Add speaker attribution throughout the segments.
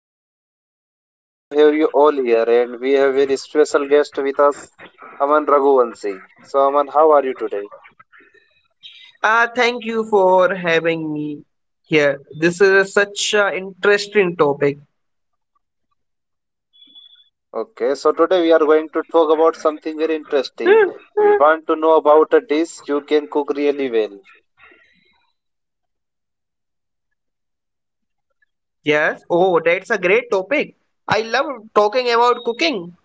Speaker 1: I am so excited to have you all here and we have a very special guest with us, Aman Raghuvanshi. So Aman, how are you today?
Speaker 2: Thank you for having me here. This is a such an interesting topic.
Speaker 1: Okay, so today we are going to talk about something very interesting. We want to know about a dish you can cook really well.
Speaker 2: Yes. Oh, that's a great topic. I love talking about cooking.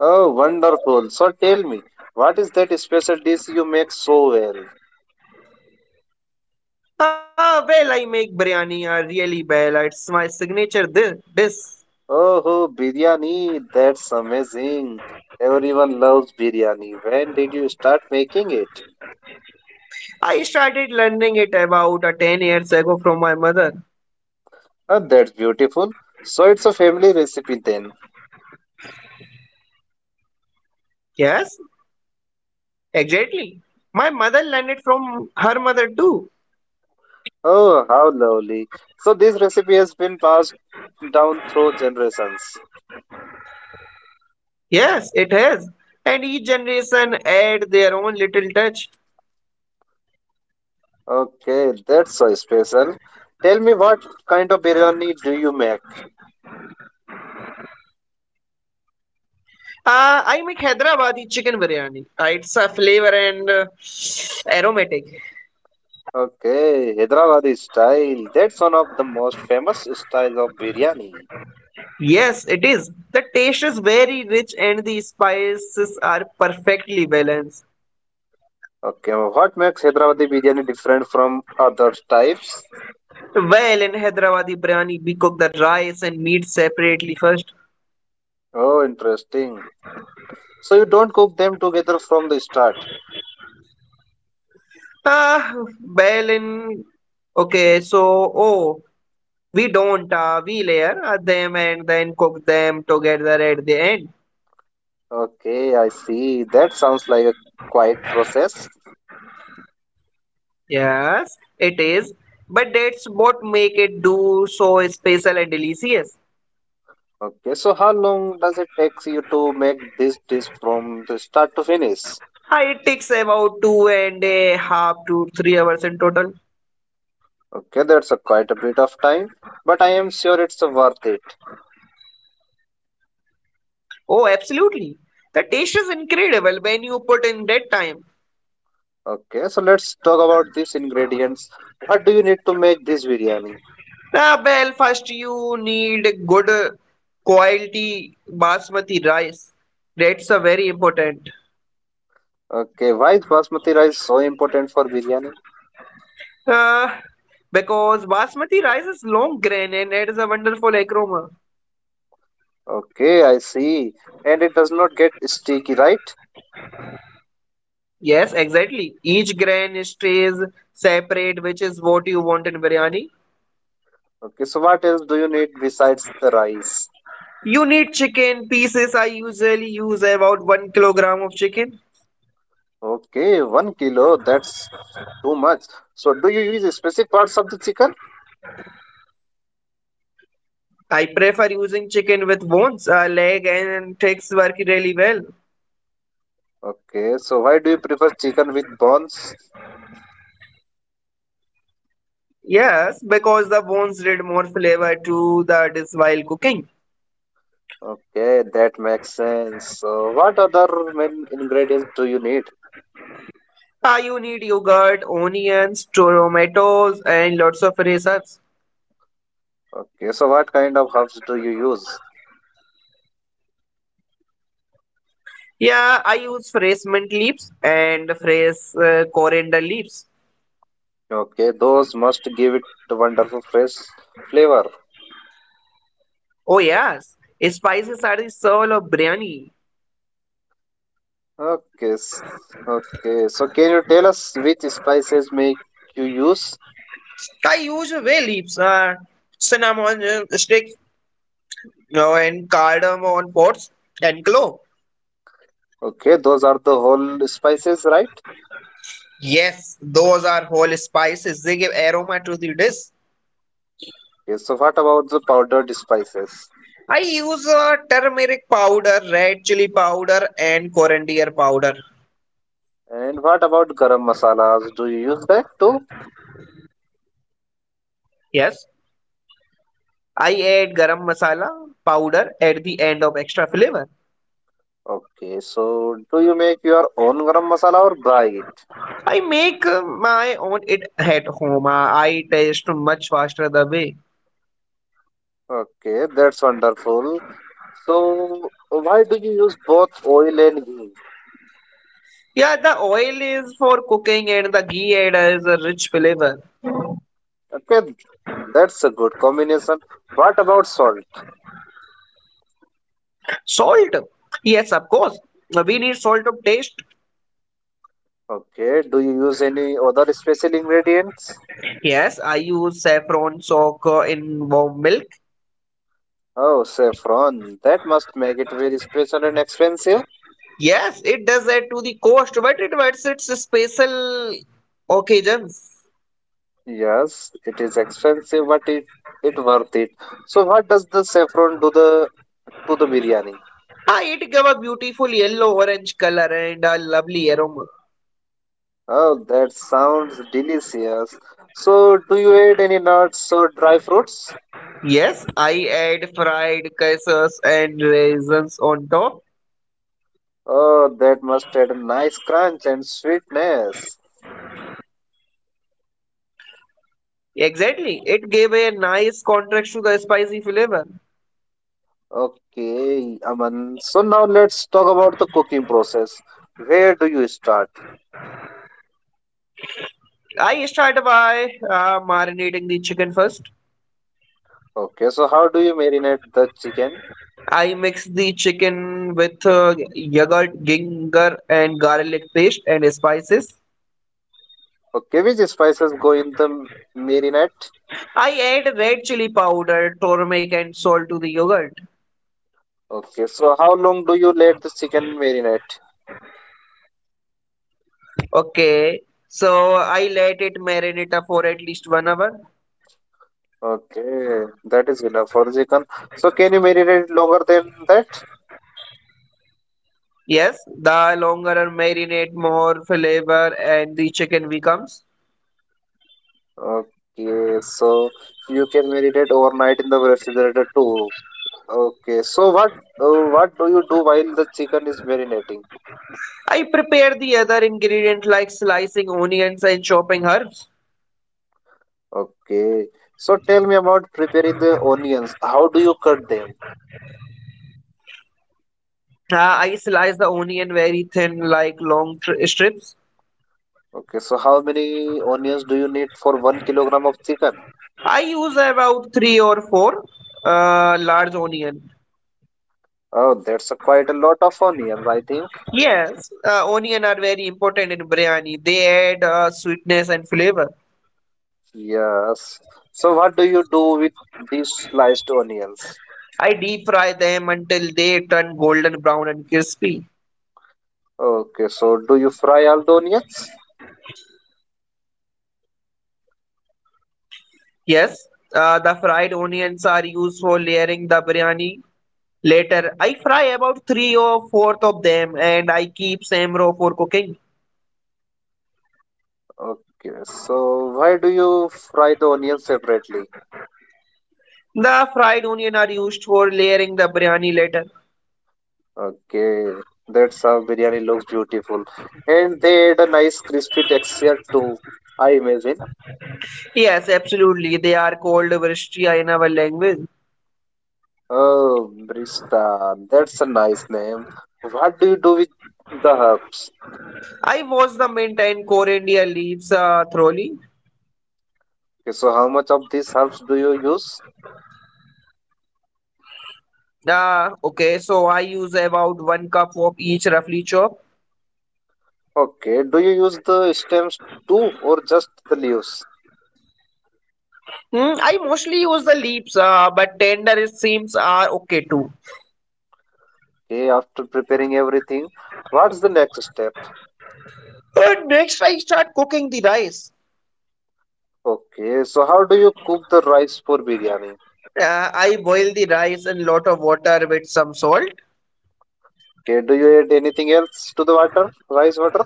Speaker 1: Oh, wonderful. So tell me, what is that special dish you make so well?
Speaker 2: Well, I make biryani really well. It's my signature dish.
Speaker 1: Oh, biryani, that's amazing. Everyone loves biryani. When did you start making it?
Speaker 2: I started learning it about 10 years ago from my mother.
Speaker 1: Ah, that's beautiful. So it's a family recipe then.
Speaker 2: Yes, exactly. My mother learned it from her mother too.
Speaker 1: Oh, how lovely. So this recipe has been passed down through generations.
Speaker 2: Yes, it has. And each generation add their own little touch.
Speaker 1: Okay, that's so special. Tell me what kind of biryani do you make?
Speaker 2: I make Hyderabadi chicken biryani. It's a flavor and aromatic.
Speaker 1: Okay, Hyderabadi style. That's one of the most famous style of biryani.
Speaker 2: Yes, it is. The taste is very rich and the spices are perfectly balanced.
Speaker 1: Okay, well, what makes Hyderabadi biryani different from other types?
Speaker 2: Well, in Hyderabadi biryani, we cook the rice and meat separately first.
Speaker 1: Oh, interesting. So you don't cook them together from the start.
Speaker 2: Ah, well, in okay, so oh, We don't. We layer them and then cook them together at the end.
Speaker 1: Okay, I see. That sounds like a quiet process.
Speaker 2: Yes, it is. But that's what make it do so special and delicious.
Speaker 1: Okay, so how long does it take you to make this dish from the start to finish?
Speaker 2: It takes about two and a half to 3 hours in total.
Speaker 1: Okay, that's a quite a bit of time, but I am sure it's worth it.
Speaker 2: Oh, absolutely. The taste is incredible when you put in that time.
Speaker 1: Okay, so let's talk about these ingredients. What do you need to make this biryani?
Speaker 2: Well, first you need good quality basmati rice. That's a very important.
Speaker 1: Okay, why is basmati rice so important for biryani?
Speaker 2: Uh, because basmati rice is long grain and it is a wonderful aroma.
Speaker 1: Okay, I see. And it does not get sticky, right?
Speaker 2: Yes, exactly. Each grain stays separate, which is what you want in biryani.
Speaker 1: Okay, so what else do you need besides the rice?
Speaker 2: You need chicken pieces. I usually use about 1 kilogram of chicken.
Speaker 1: Okay, 1 kilo, that's too much. So do you use specific parts of the chicken?
Speaker 2: I prefer using chicken with bones, leg, and takes work really well.
Speaker 1: Okay, so why do you prefer chicken with bones?
Speaker 2: Yes, because the bones add more flavor to the dish while cooking.
Speaker 1: Okay, that makes sense. So what other main ingredients do you need?
Speaker 2: You need yogurt, onions, tomatoes, and lots of fresh herbs.
Speaker 1: Okay, so what kind of herbs do you use?
Speaker 2: Yeah, I use fresh mint leaves and fresh coriander leaves.
Speaker 1: Okay, those must give it a wonderful fresh flavor.
Speaker 2: Oh yes, spices are the soul of biryani.
Speaker 1: Okay, s- okay. So can you tell us which spices make you use?
Speaker 2: I use bay leaves, cinnamon sticks, and cardamom pods and clove.
Speaker 1: Okay, those are the whole spices, right?
Speaker 2: Yes, those are whole spices. They give aroma to the dish.
Speaker 1: Okay, so what about the powdered spices?
Speaker 2: I use turmeric powder, red chili powder, and coriander powder.
Speaker 1: And what about garam masalas? Do you use that too?
Speaker 2: Yes, I add garam masala powder at the end of extra flavor.
Speaker 1: Okay, so do you make your own garam masala or buy it?
Speaker 2: I make my own it at home. I taste much faster the way.
Speaker 1: Okay, that's wonderful. So why do you use both oil and ghee?
Speaker 2: Yeah, the oil is for cooking and the ghee adds a rich flavor.
Speaker 1: Okay, that's a good combination. What about salt?
Speaker 2: Salt. Yes, of course. We need salt of taste.
Speaker 1: Okay, do you use any other special ingredients?
Speaker 2: Yes, I use saffron soak in warm milk.
Speaker 1: Oh, saffron. That must make it very special and expensive.
Speaker 2: Yes, it does add to the cost, but it adds its special occasions.
Speaker 1: Yes, it is expensive, but it worth it. So what does the saffron do the to the biryani?
Speaker 2: It give a beautiful yellow orange color and a lovely aroma.
Speaker 1: Oh, that sounds delicious. So do you add any nuts or dry fruits?
Speaker 2: Yes, I add fried cashews and raisins on top.
Speaker 1: Oh, that must add a nice crunch and sweetness.
Speaker 2: Exactly, it gave a nice contrast to the spicy flavor.
Speaker 1: Okay, Aman. So now let's talk about the cooking process. Where do you start?
Speaker 2: I start by marinating the chicken first.
Speaker 1: Okay, so how do you marinate the chicken?
Speaker 2: I mix the chicken with yogurt, ginger, and garlic paste and spices.
Speaker 1: Okay, which spices go in the marinade?
Speaker 2: I add red chili powder, turmeric, and salt to the yogurt.
Speaker 1: Okay, so how long do you let the chicken marinate?
Speaker 2: Okay, so I let it marinate for at least 1 hour.
Speaker 1: Okay, that is enough for the chicken. So can you marinate longer than that?
Speaker 2: Yes, the longer I marinate, more flavor and the chicken becomes.
Speaker 1: Okay, so you can marinate overnight in the refrigerator too. Okay, so what do you do while the chicken is marinating?
Speaker 2: I prepare the other ingredients like slicing onions and chopping herbs.
Speaker 1: Okay, so tell me about preparing the onions. How do you cut them?
Speaker 2: I slice the onion very thin, like long strips.
Speaker 1: Okay, so how many onions do you need for 1 kilogram of chicken?
Speaker 2: I use about three or four large onion.
Speaker 1: Oh, that's a quite a lot of onions, I think.
Speaker 2: Yes, onion are very important in biryani. They add sweetness and flavor.
Speaker 1: Yes. So what do you do with these sliced onions?
Speaker 2: I deep fry them until they turn golden brown and crispy.
Speaker 1: Okay, so do you fry all the onions?
Speaker 2: Yes, the fried onions are used for layering the biryani. Later, I fry about three or fourth of them, and I keep same raw for cooking.
Speaker 1: Okay, so why do you fry the onions separately?
Speaker 2: The fried onion are used for layering the biryani later.
Speaker 1: Okay, that's how biryani looks beautiful. And they add a nice crispy texture too, I imagine.
Speaker 2: Yes, absolutely. They are called vristia in our language.
Speaker 1: Oh, Brista, that's a nice name. What do you do with the herbs?
Speaker 2: I wash the mint and coriander leaves thoroughly.
Speaker 1: Okay, so how much of these herbs do you use?
Speaker 2: I use about one cup of each roughly chop.
Speaker 1: Okay, do you use the stems too or just the leaves?
Speaker 2: Hmm, I mostly use the leaves, but tender seams are okay too.
Speaker 1: Okay, after preparing everything, what's the next step?
Speaker 2: Next, I start cooking the rice.
Speaker 1: Okay, so how do you cook the rice for biryani?
Speaker 2: I boil the rice in lot of water with some salt.
Speaker 1: Okay, do you add anything else to the water, rice water?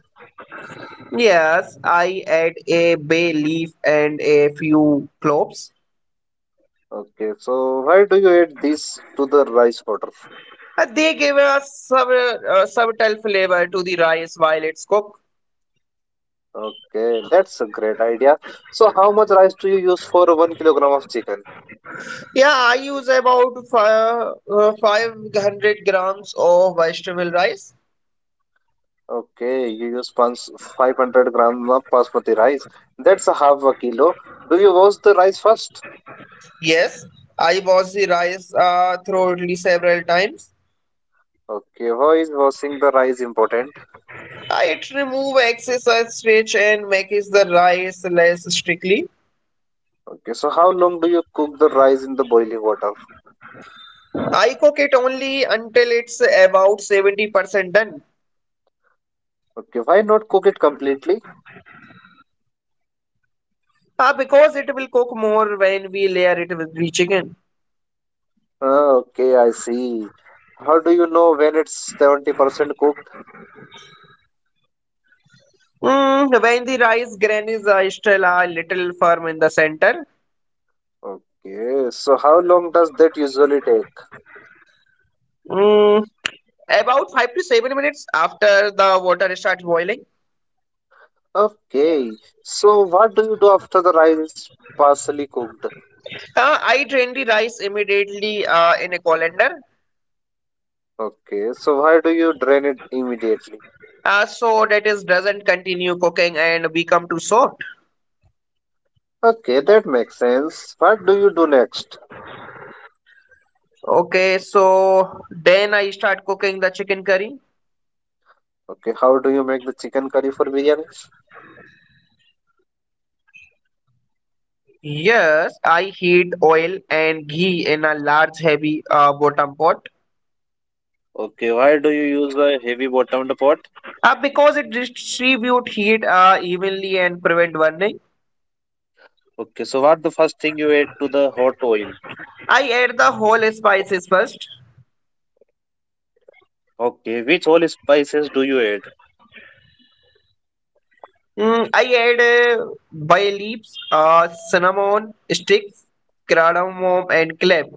Speaker 2: Yes, I add a bay leaf and a few cloves.
Speaker 1: Okay, so why do you add this to the rice water?
Speaker 2: They give a subtle flavor to the rice while it's cooked.
Speaker 1: Okay, that's a great idea. So, how much rice do you use for 1 kilogram of chicken?
Speaker 2: Yeah, I use about 500 grams of vegetable rice.
Speaker 1: Okay, 500 grams of basmati rice. That's a half a kilo. Do you wash the rice first?
Speaker 2: Yes, I wash the rice thoroughly several times.
Speaker 1: Okay, why is washing the rice important?
Speaker 2: It remove excess starch and makes the rice less sticky.
Speaker 1: Okay, so how long do you cook the rice in the boiling water?
Speaker 2: I cook it only until it's about 70% done.
Speaker 1: Okay, why not cook it completely?
Speaker 2: Ah, because it will cook more when we layer it with the chicken.
Speaker 1: Ah, okay, I see. How do you know when it's 70% cooked?
Speaker 2: Mm, when the rice grain is still a little firm in the center.
Speaker 1: Okay, so how long does that usually take?
Speaker 2: Mm, about 5 to 7 minutes after the water starts boiling.
Speaker 1: Okay, so what do you do after the rice is partially cooked?
Speaker 2: I drain the rice immediately in a colander
Speaker 1: Okay, so why do you drain it immediately?
Speaker 2: so that it doesn't continue cooking and become too soft.
Speaker 1: Okay, that makes sense. What do you do next?
Speaker 2: Okay, so then I start cooking the chicken curry.
Speaker 1: Okay, how do you make the chicken curry for biryani?
Speaker 2: Yes, I heat oil and ghee in a large heavy bottom pot.
Speaker 1: Okay, why do you use a heavy bottomed pot?
Speaker 2: Because it distribute heat evenly and prevent burning.
Speaker 1: Okay, so what the first thing you add to the hot oil?
Speaker 2: I add the whole spices first.
Speaker 1: Okay, which whole spices do you add?
Speaker 2: Mm, I add uh, bay leaves, cinnamon sticks, cardamom, and clove.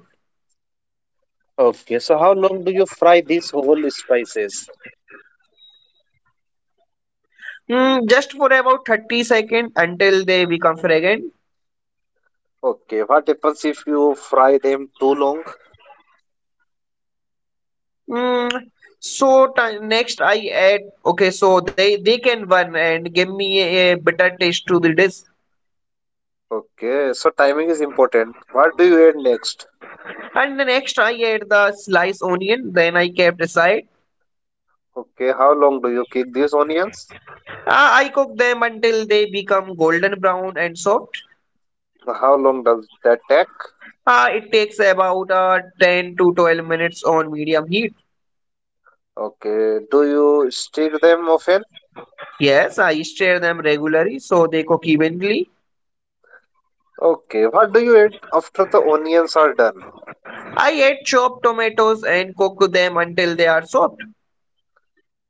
Speaker 1: Okay, so how long do you fry these whole spices?
Speaker 2: Mm, just for about 30 seconds until they become fragrant.
Speaker 1: Okay, what happens if you fry them too long?
Speaker 2: Mm, so ti- next I add okay, so they can burn and give me a bitter taste to the dish.
Speaker 1: Okay, so timing is important. What do you add next?
Speaker 2: And the next I add the sliced onion. Then I kept aside.
Speaker 1: Okay, how long do you cook these onions?
Speaker 2: I cook them until they become golden brown and soft.
Speaker 1: How long does that take?
Speaker 2: It takes about 10 to 12 minutes on medium heat.
Speaker 1: Okay, do you stir them often?
Speaker 2: Yes, I stir them regularly so they cook evenly.
Speaker 1: Okay, what do you add after the onions are done?
Speaker 2: I add chopped tomatoes and cook them until they are soft.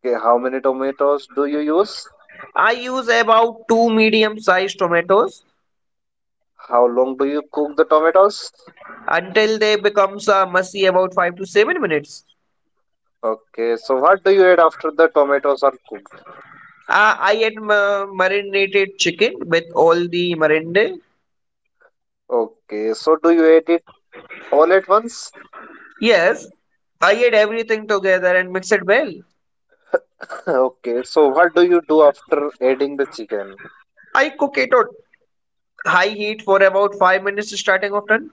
Speaker 1: Okay, how many tomatoes do you use?
Speaker 2: I use about two medium sized tomatoes
Speaker 1: How long do you cook the tomatoes?
Speaker 2: until they become mushy about 5 to 7 minutes.
Speaker 1: Okay, so what do you add after the tomatoes are cooked?
Speaker 2: I add marinated chicken with all the marinade.
Speaker 1: Okay, so do you add it all at once?
Speaker 2: Yes, I add everything together and mix it well.
Speaker 1: Okay, so what do you do after adding the chicken?
Speaker 2: I cook it on high heat for about 5 minutes starting often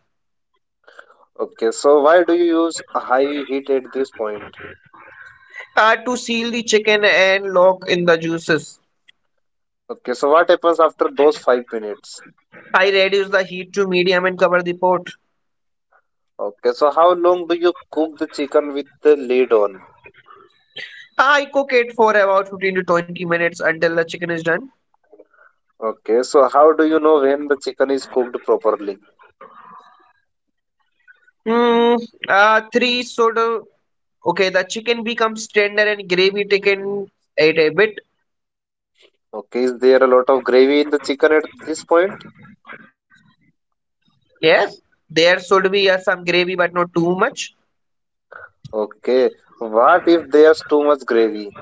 Speaker 1: Okay, so why do you use a high heat at this point?
Speaker 2: to seal the chicken and lock in the juices.
Speaker 1: Okay, so what happens after those 5 minutes?
Speaker 2: I reduce the heat to medium and cover the pot.
Speaker 1: Okay, so how long do you cook the chicken with the lid on?
Speaker 2: I cook it for about 15 to 20 minutes until the chicken is done.
Speaker 1: Okay, so how do you know when the chicken is cooked properly?
Speaker 2: Mm, 3 soda. Okay, the chicken becomes tender and gravy taken it a bit.
Speaker 1: Okay, is there a lot of gravy in the chicken at this point?
Speaker 2: Yes, there should be some gravy but not too much.
Speaker 1: Okay, what if there's too much gravy?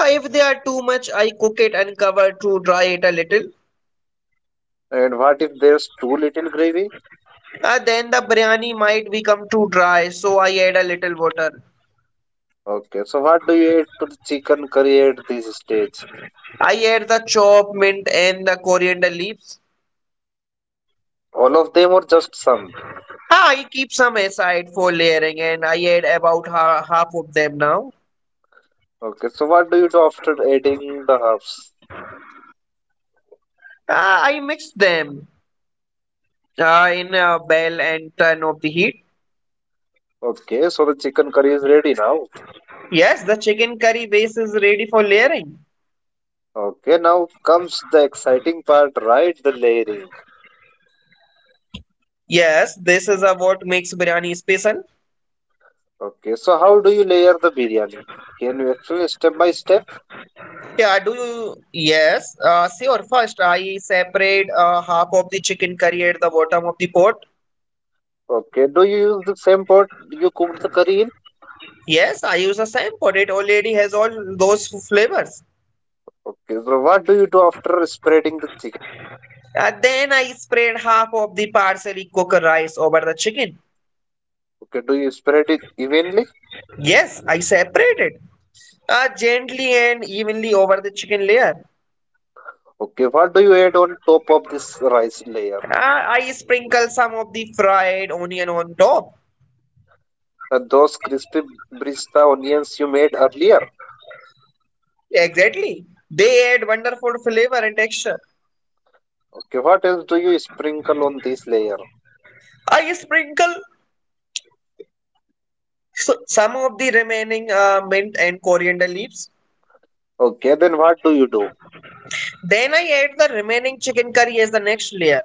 Speaker 2: If they are too much, I cook it and cover to dry it a little.
Speaker 1: And what if there's too little gravy?
Speaker 2: Then the biryani might become too dry, so I add a little water.
Speaker 1: Okay, so what do you add to the chicken curry at this stage?
Speaker 2: I add the chopped mint and the coriander leaves.
Speaker 1: All of them or just some?
Speaker 2: I keep some aside for layering, and I add about half of them now.
Speaker 1: Okay, so what do you do after adding the herbs?
Speaker 2: I mix them in a bell and turn off the heat.
Speaker 1: Okay, so the chicken curry is ready now.
Speaker 2: Yes, the chicken curry base is ready for layering.
Speaker 1: Okay, now comes the exciting part, right? The layering.
Speaker 2: Yes, this is what makes biryani special.
Speaker 1: Okay, so how do you layer the biryani? Can you actually step by step?
Speaker 2: Yeah, do you? Yes, sure. First, I separate half of the chicken curry at the bottom of the pot.
Speaker 1: Okay, do you use the same pot you cooked the curry in?
Speaker 2: Yes, I use the same pot. It already has all those flavors.
Speaker 1: Okay, so what do you do after spreading the chicken?
Speaker 2: And then I spread half of the parsley cooked rice over the chicken.
Speaker 1: Okay, do you spread it evenly?
Speaker 2: Yes, I separated gently and evenly over the chicken layer.
Speaker 1: Okay, what do you add on top of this rice layer?
Speaker 2: I sprinkle some of the fried onion on top.
Speaker 1: Those crispy brista onions you made earlier.
Speaker 2: Exactly. They add wonderful flavor and texture.
Speaker 1: Okay, what else do you sprinkle on this layer?
Speaker 2: I sprinkle some of the remaining mint and coriander leaves.
Speaker 1: Okay, then what do you do?
Speaker 2: Then I add the remaining chicken curry as the next layer.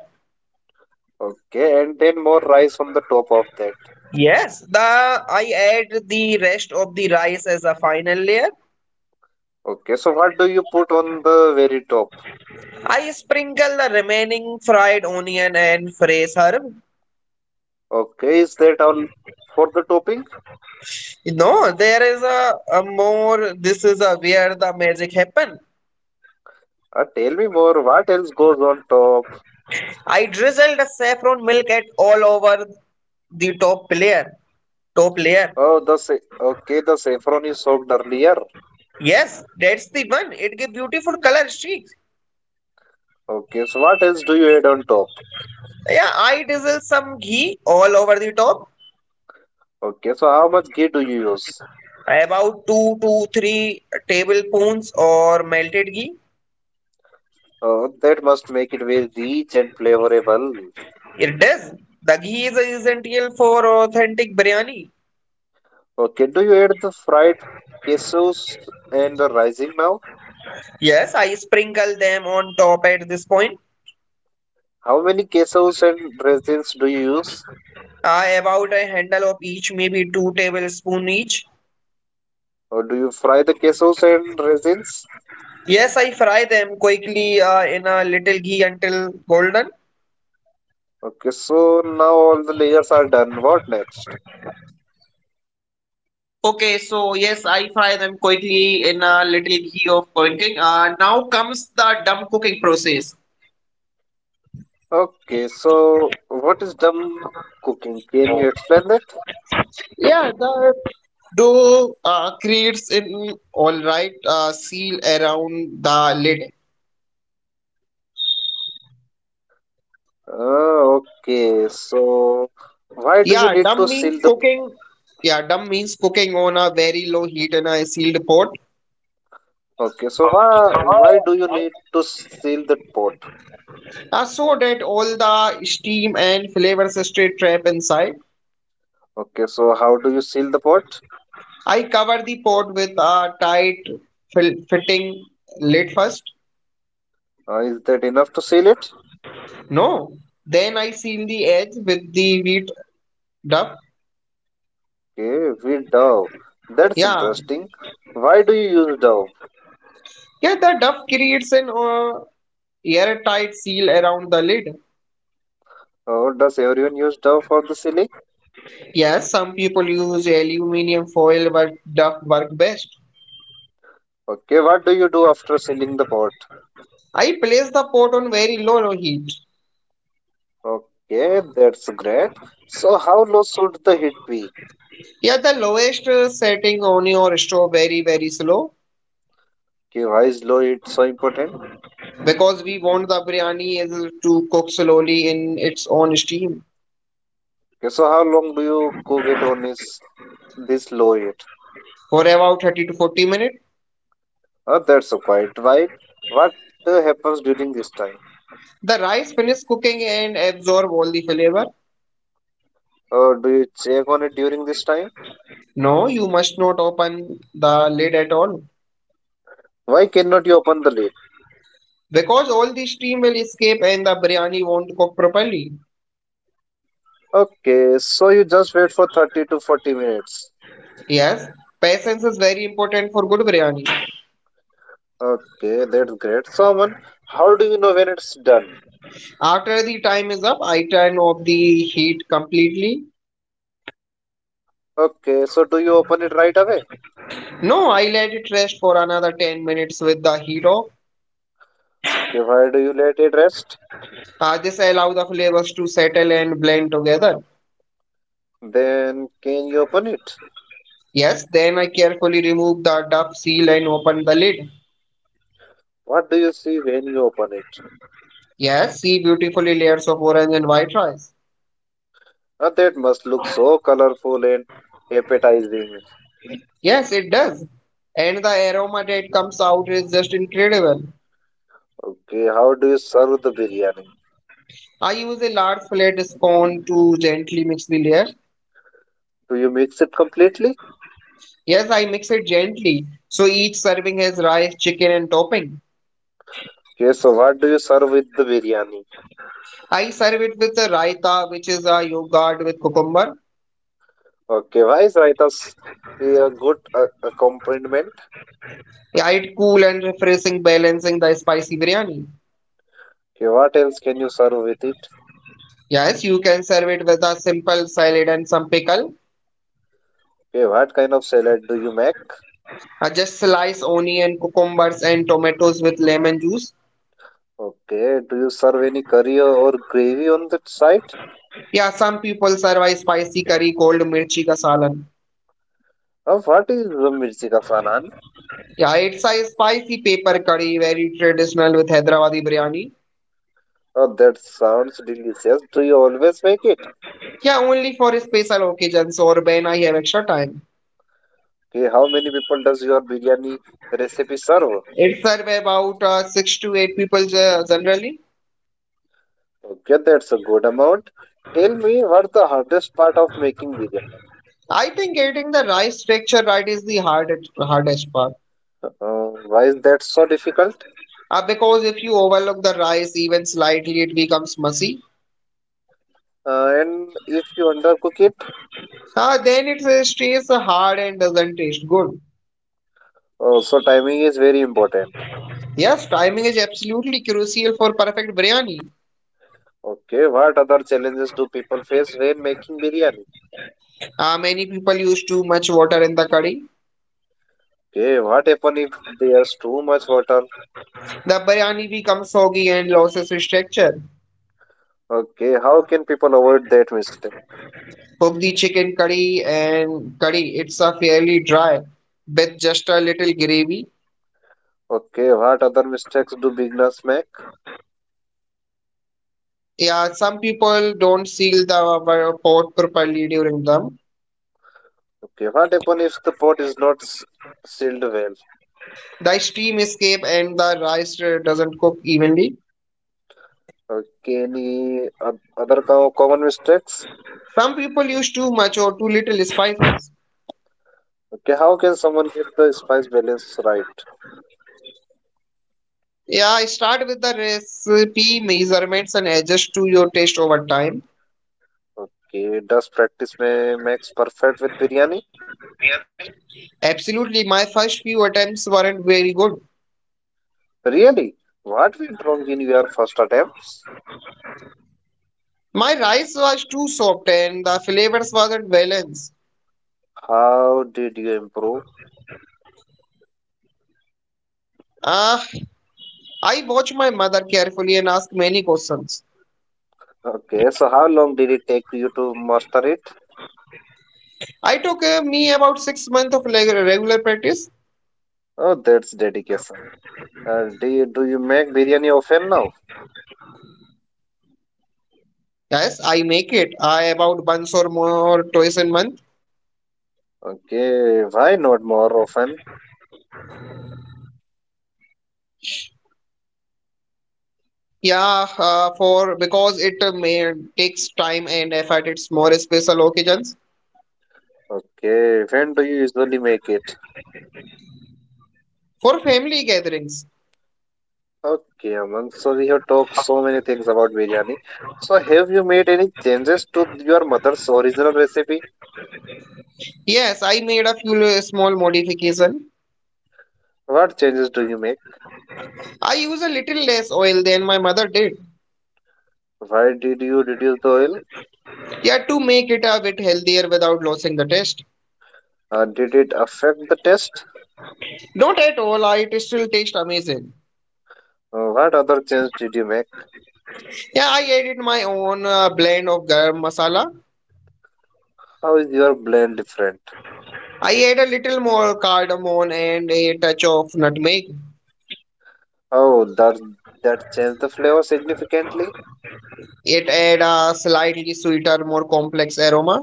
Speaker 1: Okay, and then more rice on the top of that.
Speaker 2: Yes, the I add the rest of the rice as a final layer.
Speaker 1: Okay, so what do you put on the very top?
Speaker 2: I sprinkle the remaining fried onion and fresh herb.
Speaker 1: Okay, is that all for the topping?
Speaker 2: No, there is a more. This is a where the magic happen.
Speaker 1: Tell me more. What else goes on top?
Speaker 2: I drizzle the saffron milk at all over the top layer. Top layer.
Speaker 1: Oh, okay, the saffron is soaked earlier.
Speaker 2: Yes, that's the one. It gives beautiful color streaks.
Speaker 1: Okay, so what else do you add on top?
Speaker 2: Yeah, I drizzle some ghee all over the top.
Speaker 1: Okay, so how much ghee do you use?
Speaker 2: About two to three tablespoons or melted ghee.
Speaker 1: Oh, that must make it very rich and flavorable.
Speaker 2: It does. The ghee is essential for authentic biryani.
Speaker 1: Okay, do you add the fried cashews and the rising now?
Speaker 2: Yes, I sprinkle them on top at this point.
Speaker 1: How many cashews and raisins do you use?
Speaker 2: I about a handle of each, maybe two tablespoons each.
Speaker 1: Or do you fry the quesos and resins?
Speaker 2: Yes, I fry them quickly in a little ghee until golden.
Speaker 1: Okay, so now all the layers are done. What next?
Speaker 2: Okay, so yes, I fry them quickly in a little ghee of cooking. Now comes the dumb cooking process.
Speaker 1: Okay, so what is dumb cooking? Can you explain that?
Speaker 2: Yeah, the dough creates an all right seal around the lid.
Speaker 1: Okay, so why do you
Speaker 2: Yeah,
Speaker 1: need
Speaker 2: dumb
Speaker 1: to
Speaker 2: means
Speaker 1: seal the?
Speaker 2: cooking. Yeah, dumb means cooking on a very low heat in a sealed pot.
Speaker 1: Okay, so why do you need to seal the pot?
Speaker 2: So that all the steam and flavors stay trapped inside.
Speaker 1: Okay, so how do you seal the pot?
Speaker 2: I cover the pot with a tight fitting lid first.
Speaker 1: Is that enough to seal it?
Speaker 2: No. Then I seal the edge with the wheat duff.
Speaker 1: Okay, with dough. That's
Speaker 2: Yeah.
Speaker 1: interesting. Why do you use dough?
Speaker 2: Yeah, the duff creates an airtight seal around the lid.
Speaker 1: Or does everyone use dough for the sealing?
Speaker 2: Yes, some people use aluminium foil, but duff work best.
Speaker 1: Okay, what do you do after selling the pot?
Speaker 2: I place the pot on very low heat.
Speaker 1: Okay, that's great. So, how low should the heat be?
Speaker 2: Yeah, the lowest setting on your stove very very slow
Speaker 1: Okay, why is low heat so important?
Speaker 2: because we want the biryani is to cook slowly in its own steam
Speaker 1: Okay, so how long do you cook it on is this low heat?
Speaker 2: for about 30 to 40 minutes.
Speaker 1: That's quite while. What happens during this time?
Speaker 2: The rice finishes cooking and absorb all the flavor.
Speaker 1: Or do you check on it during this time?
Speaker 2: No, you must not open the lid at all.
Speaker 1: Why cannot you open the lid?
Speaker 2: Because all the steam will escape and the biryani won't cook properly.
Speaker 1: Okay, so you just wait for 30 to 40 minutes.
Speaker 2: Yes, patience is very important for good biryani.
Speaker 1: Okay, that's great. So, Aman, how do you know when it's done?
Speaker 2: After the time is up, I turn off the heat completely.
Speaker 1: Okay, so do you open it right away?
Speaker 2: No, I let it rest for another 10 minutes with the heat off.
Speaker 1: Okay, why do you let it rest?
Speaker 2: This allows the flavors to settle and blend together.
Speaker 1: Then can you open it?
Speaker 2: Yes, then I carefully remove the duff seal and open the lid.
Speaker 1: What do you see when you open it?
Speaker 2: Yes, see beautifully layers of orange and white rice.
Speaker 1: Ah, that must look so colorful and appetizing.
Speaker 2: Yes, it does. And the aroma that comes out is just incredible.
Speaker 1: Okay, how do you serve the biryani?
Speaker 2: I use a large flat spoon to gently mix the layer.
Speaker 1: Do you mix it completely?
Speaker 2: Yes, I mix it gently. So each serving has rice, chicken, and topping.
Speaker 1: Okay, so what do you serve with the biryani?
Speaker 2: I serve it with a raita, which is a yogurt with cucumber.
Speaker 1: Okay, why is raita s- a good accompaniment?
Speaker 2: Yeah, it's cool and refreshing, balancing the spicy biryani.
Speaker 1: Okay, what else can you serve with it?
Speaker 2: Yes, you can serve it with a simple salad and some pickle.
Speaker 1: Okay, what kind of salad do you make?
Speaker 2: Just slice onion, cucumbers, and tomatoes with lemon juice.
Speaker 1: Okay, do you serve any curry or gravy on that side?
Speaker 2: Yeah, some people serve a spicy curry called mirchi ka salan.
Speaker 1: Ah, what is the mirchi ka salan?
Speaker 2: Yeah, it's a spicy pepper curry, very traditional with Hyderabadi biryani.
Speaker 1: Oh, that sounds delicious. Do you always make it?
Speaker 2: Yeah, only for special occasions or when I have extra time.
Speaker 1: Okay, how many people does your biryani recipe serve?
Speaker 2: It serves about six to eight people generally.
Speaker 1: Okay, that's a good amount. Tell me what the hardest part of making biryani?
Speaker 2: I think getting the rice texture right is the hardest part.
Speaker 1: Why is that so difficult?
Speaker 2: Because if you overlook the rice even slightly, it becomes messy.
Speaker 1: And if you undercook it,
Speaker 2: Then it stays hard and doesn't taste good.
Speaker 1: oh, so timing is very important.
Speaker 2: Yes, timing is absolutely crucial for perfect biryani.
Speaker 1: Okay, what other challenges do people face when making biryani?
Speaker 2: Many people use too much water in the curry.
Speaker 1: Okay, what happen if there's too much water?
Speaker 2: The biryani becomes soggy and loses its texture.
Speaker 1: Okay, how can people avoid that mistake?
Speaker 2: Cook the chicken curry and curry. It's a fairly dry with just a little gravy.
Speaker 1: Okay, what other mistakes do beginners make?
Speaker 2: Yeah, some people don't seal the pot properly during them.
Speaker 1: Okay, what happens if the pot is not s- sealed well?
Speaker 2: The steam escape and the rice doesn't cook evenly.
Speaker 1: Okay, any other common mistakes?
Speaker 2: Some people use too much or too little spices.
Speaker 1: Okay, how can someone get the spice balance right?
Speaker 2: Yeah, start with the recipe measurements and adjust to your taste over time.
Speaker 1: Okay, does practice may makes perfect with biryani?
Speaker 2: Absolutely, my first few attempts weren't very good.
Speaker 1: Really? What went wrong in your first attempts?
Speaker 2: My rice was too soft and the flavors wasn't balanced.
Speaker 1: How did you improve?
Speaker 2: Ah, I watched my mother carefully and asked many questions.
Speaker 1: Okay, so how long did it take you to master it?
Speaker 2: I took me about 6 months of regular practice.
Speaker 1: Oh, that's dedication. Do you make biryani often now?
Speaker 2: Yes, I make it. I about once or more twice a month.
Speaker 1: Okay, why not more often?
Speaker 2: Yeah, for Because it takes time and effort. It's more special occasions
Speaker 1: Okay, when do you usually make it?
Speaker 2: for family gatherings.
Speaker 1: Okay, Aman. So we have talked so many things about biryani. So have you made any changes to your mother's original recipe?
Speaker 2: Yes, I made a few small modification.
Speaker 1: What changes do you make?
Speaker 2: I use a little less oil than my mother did.
Speaker 1: Why did you reduce the oil?
Speaker 2: Yeah, to make it a bit healthier without losing the taste.
Speaker 1: Did it affect the taste?
Speaker 2: Not at all, it still tastes amazing.
Speaker 1: What other change did you make?
Speaker 2: Yeah, I added my own blend of garam masala.
Speaker 1: How is your blend different?
Speaker 2: I add a little more cardamom and a touch of nutmeg.
Speaker 1: Oh, that changed the flavor significantly.
Speaker 2: It add a slightly sweeter, more complex aroma.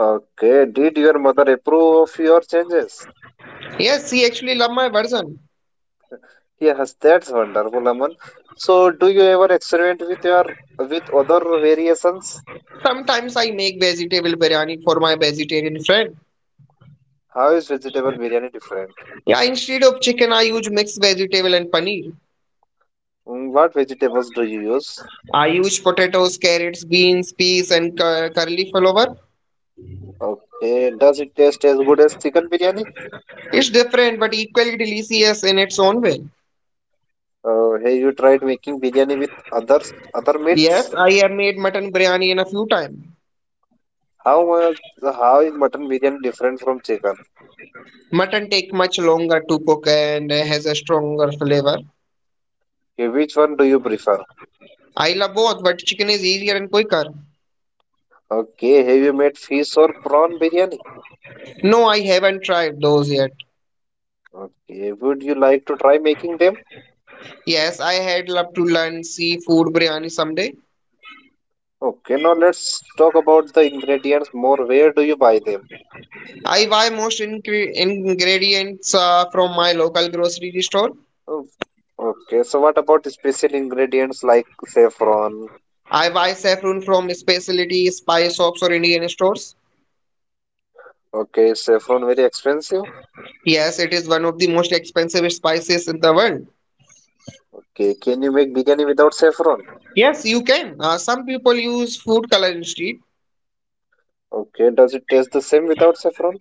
Speaker 1: Okay, did your mother approve of your changes?
Speaker 2: Yes, he actually love my version.
Speaker 1: Yes, that's wonderful, Aman. So, do you ever experiment with your with other variations?
Speaker 2: Sometimes I make vegetable biryani for my vegetarian friend.
Speaker 1: How is vegetable biryani different?
Speaker 2: Yeah, instead of chicken, I use mixed vegetable and paneer.
Speaker 1: Mm, what vegetables do you use?
Speaker 2: I use potatoes, carrots, beans, peas, and curly flower.
Speaker 1: Okay, does it taste as good as chicken biryani?
Speaker 2: It's different but equally delicious in its own way.
Speaker 1: Have you tried making biryani with others other
Speaker 2: Yes,
Speaker 1: meats?
Speaker 2: I have made mutton biryani in a few times.
Speaker 1: How was how is mutton biryani different from chicken?
Speaker 2: Mutton take much longer to cook and has a stronger flavor.
Speaker 1: Okay, which one do you prefer?
Speaker 2: I love both, but chicken is easier and quicker.
Speaker 1: Okay, have you made fish or prawn biryani?
Speaker 2: No, I haven't tried those yet.
Speaker 1: Okay, would you like to try making them?
Speaker 2: Yes, I had loved to learn seafood biryani someday.
Speaker 1: Okay, now let's talk about the ingredients more. Where do you buy them?
Speaker 2: I buy most ingredients from my local grocery store.
Speaker 1: Oh, okay, so what about the special ingredients like saffron?
Speaker 2: I buy saffron from specialty spice shops or Indian stores.
Speaker 1: Okay, is saffron very expensive?
Speaker 2: Yes, it is one of the most expensive spices in the world.
Speaker 1: Okay, can you make biryani without saffron?
Speaker 2: Yes, you can. Some people use food color instead.
Speaker 1: Okay, does it taste the same without saffron?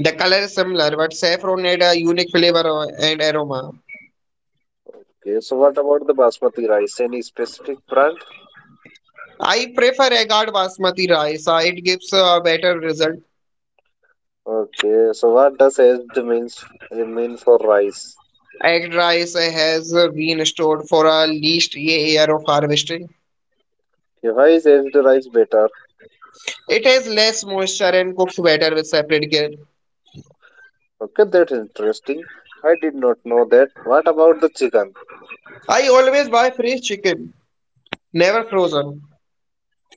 Speaker 2: The color is similar, but saffron adds a unique flavor and aroma.
Speaker 1: Okay, so what about the basmati rice? Any specific brand?
Speaker 2: I prefer agard basmati rice. It gives a better result.
Speaker 1: Okay, so what does aged means mean for rice?
Speaker 2: Aged rice has been stored for at least a year of harvesting.
Speaker 1: Okay, why is aged rice better?
Speaker 2: It has less moisture and cooks better with separate care.
Speaker 1: Okay, that's interesting. I did not know that. What about the chicken?
Speaker 2: I always buy fresh chicken, never frozen.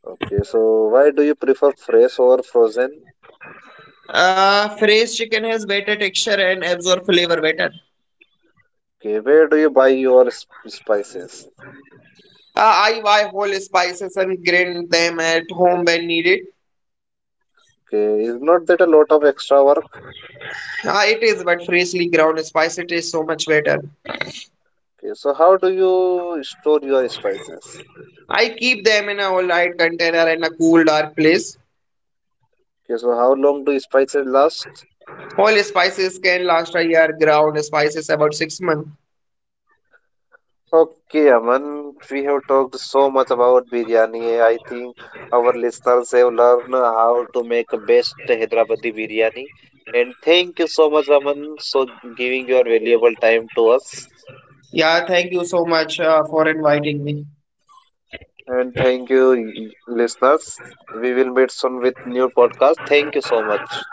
Speaker 1: Okay, so why do you prefer fresh over frozen?
Speaker 2: Fresh chicken has better texture and absorb flavor better.
Speaker 1: Okay, where do you buy your spices?
Speaker 2: I buy whole spices and grind them at home when needed.
Speaker 1: Okay, is not that a lot of extra work?
Speaker 2: It is but freshly ground spice, it is so much better.
Speaker 1: Okay, so how do you store your spices?
Speaker 2: I keep them in a light container in a cool, dark place.
Speaker 1: Okay, so how long do spices last?
Speaker 2: Whole spices can last a year, ground spices about 6 months.
Speaker 1: Okay, Aman, we have talked so much about biryani. I think our listeners have learned how to make best Hyderabadi biryani. And thank you so much, Aman, for giving your valuable time to us.
Speaker 2: Yeah, thank you so much for inviting me.
Speaker 1: And thank you, listeners. We will meet soon with new podcast. Thank you so much.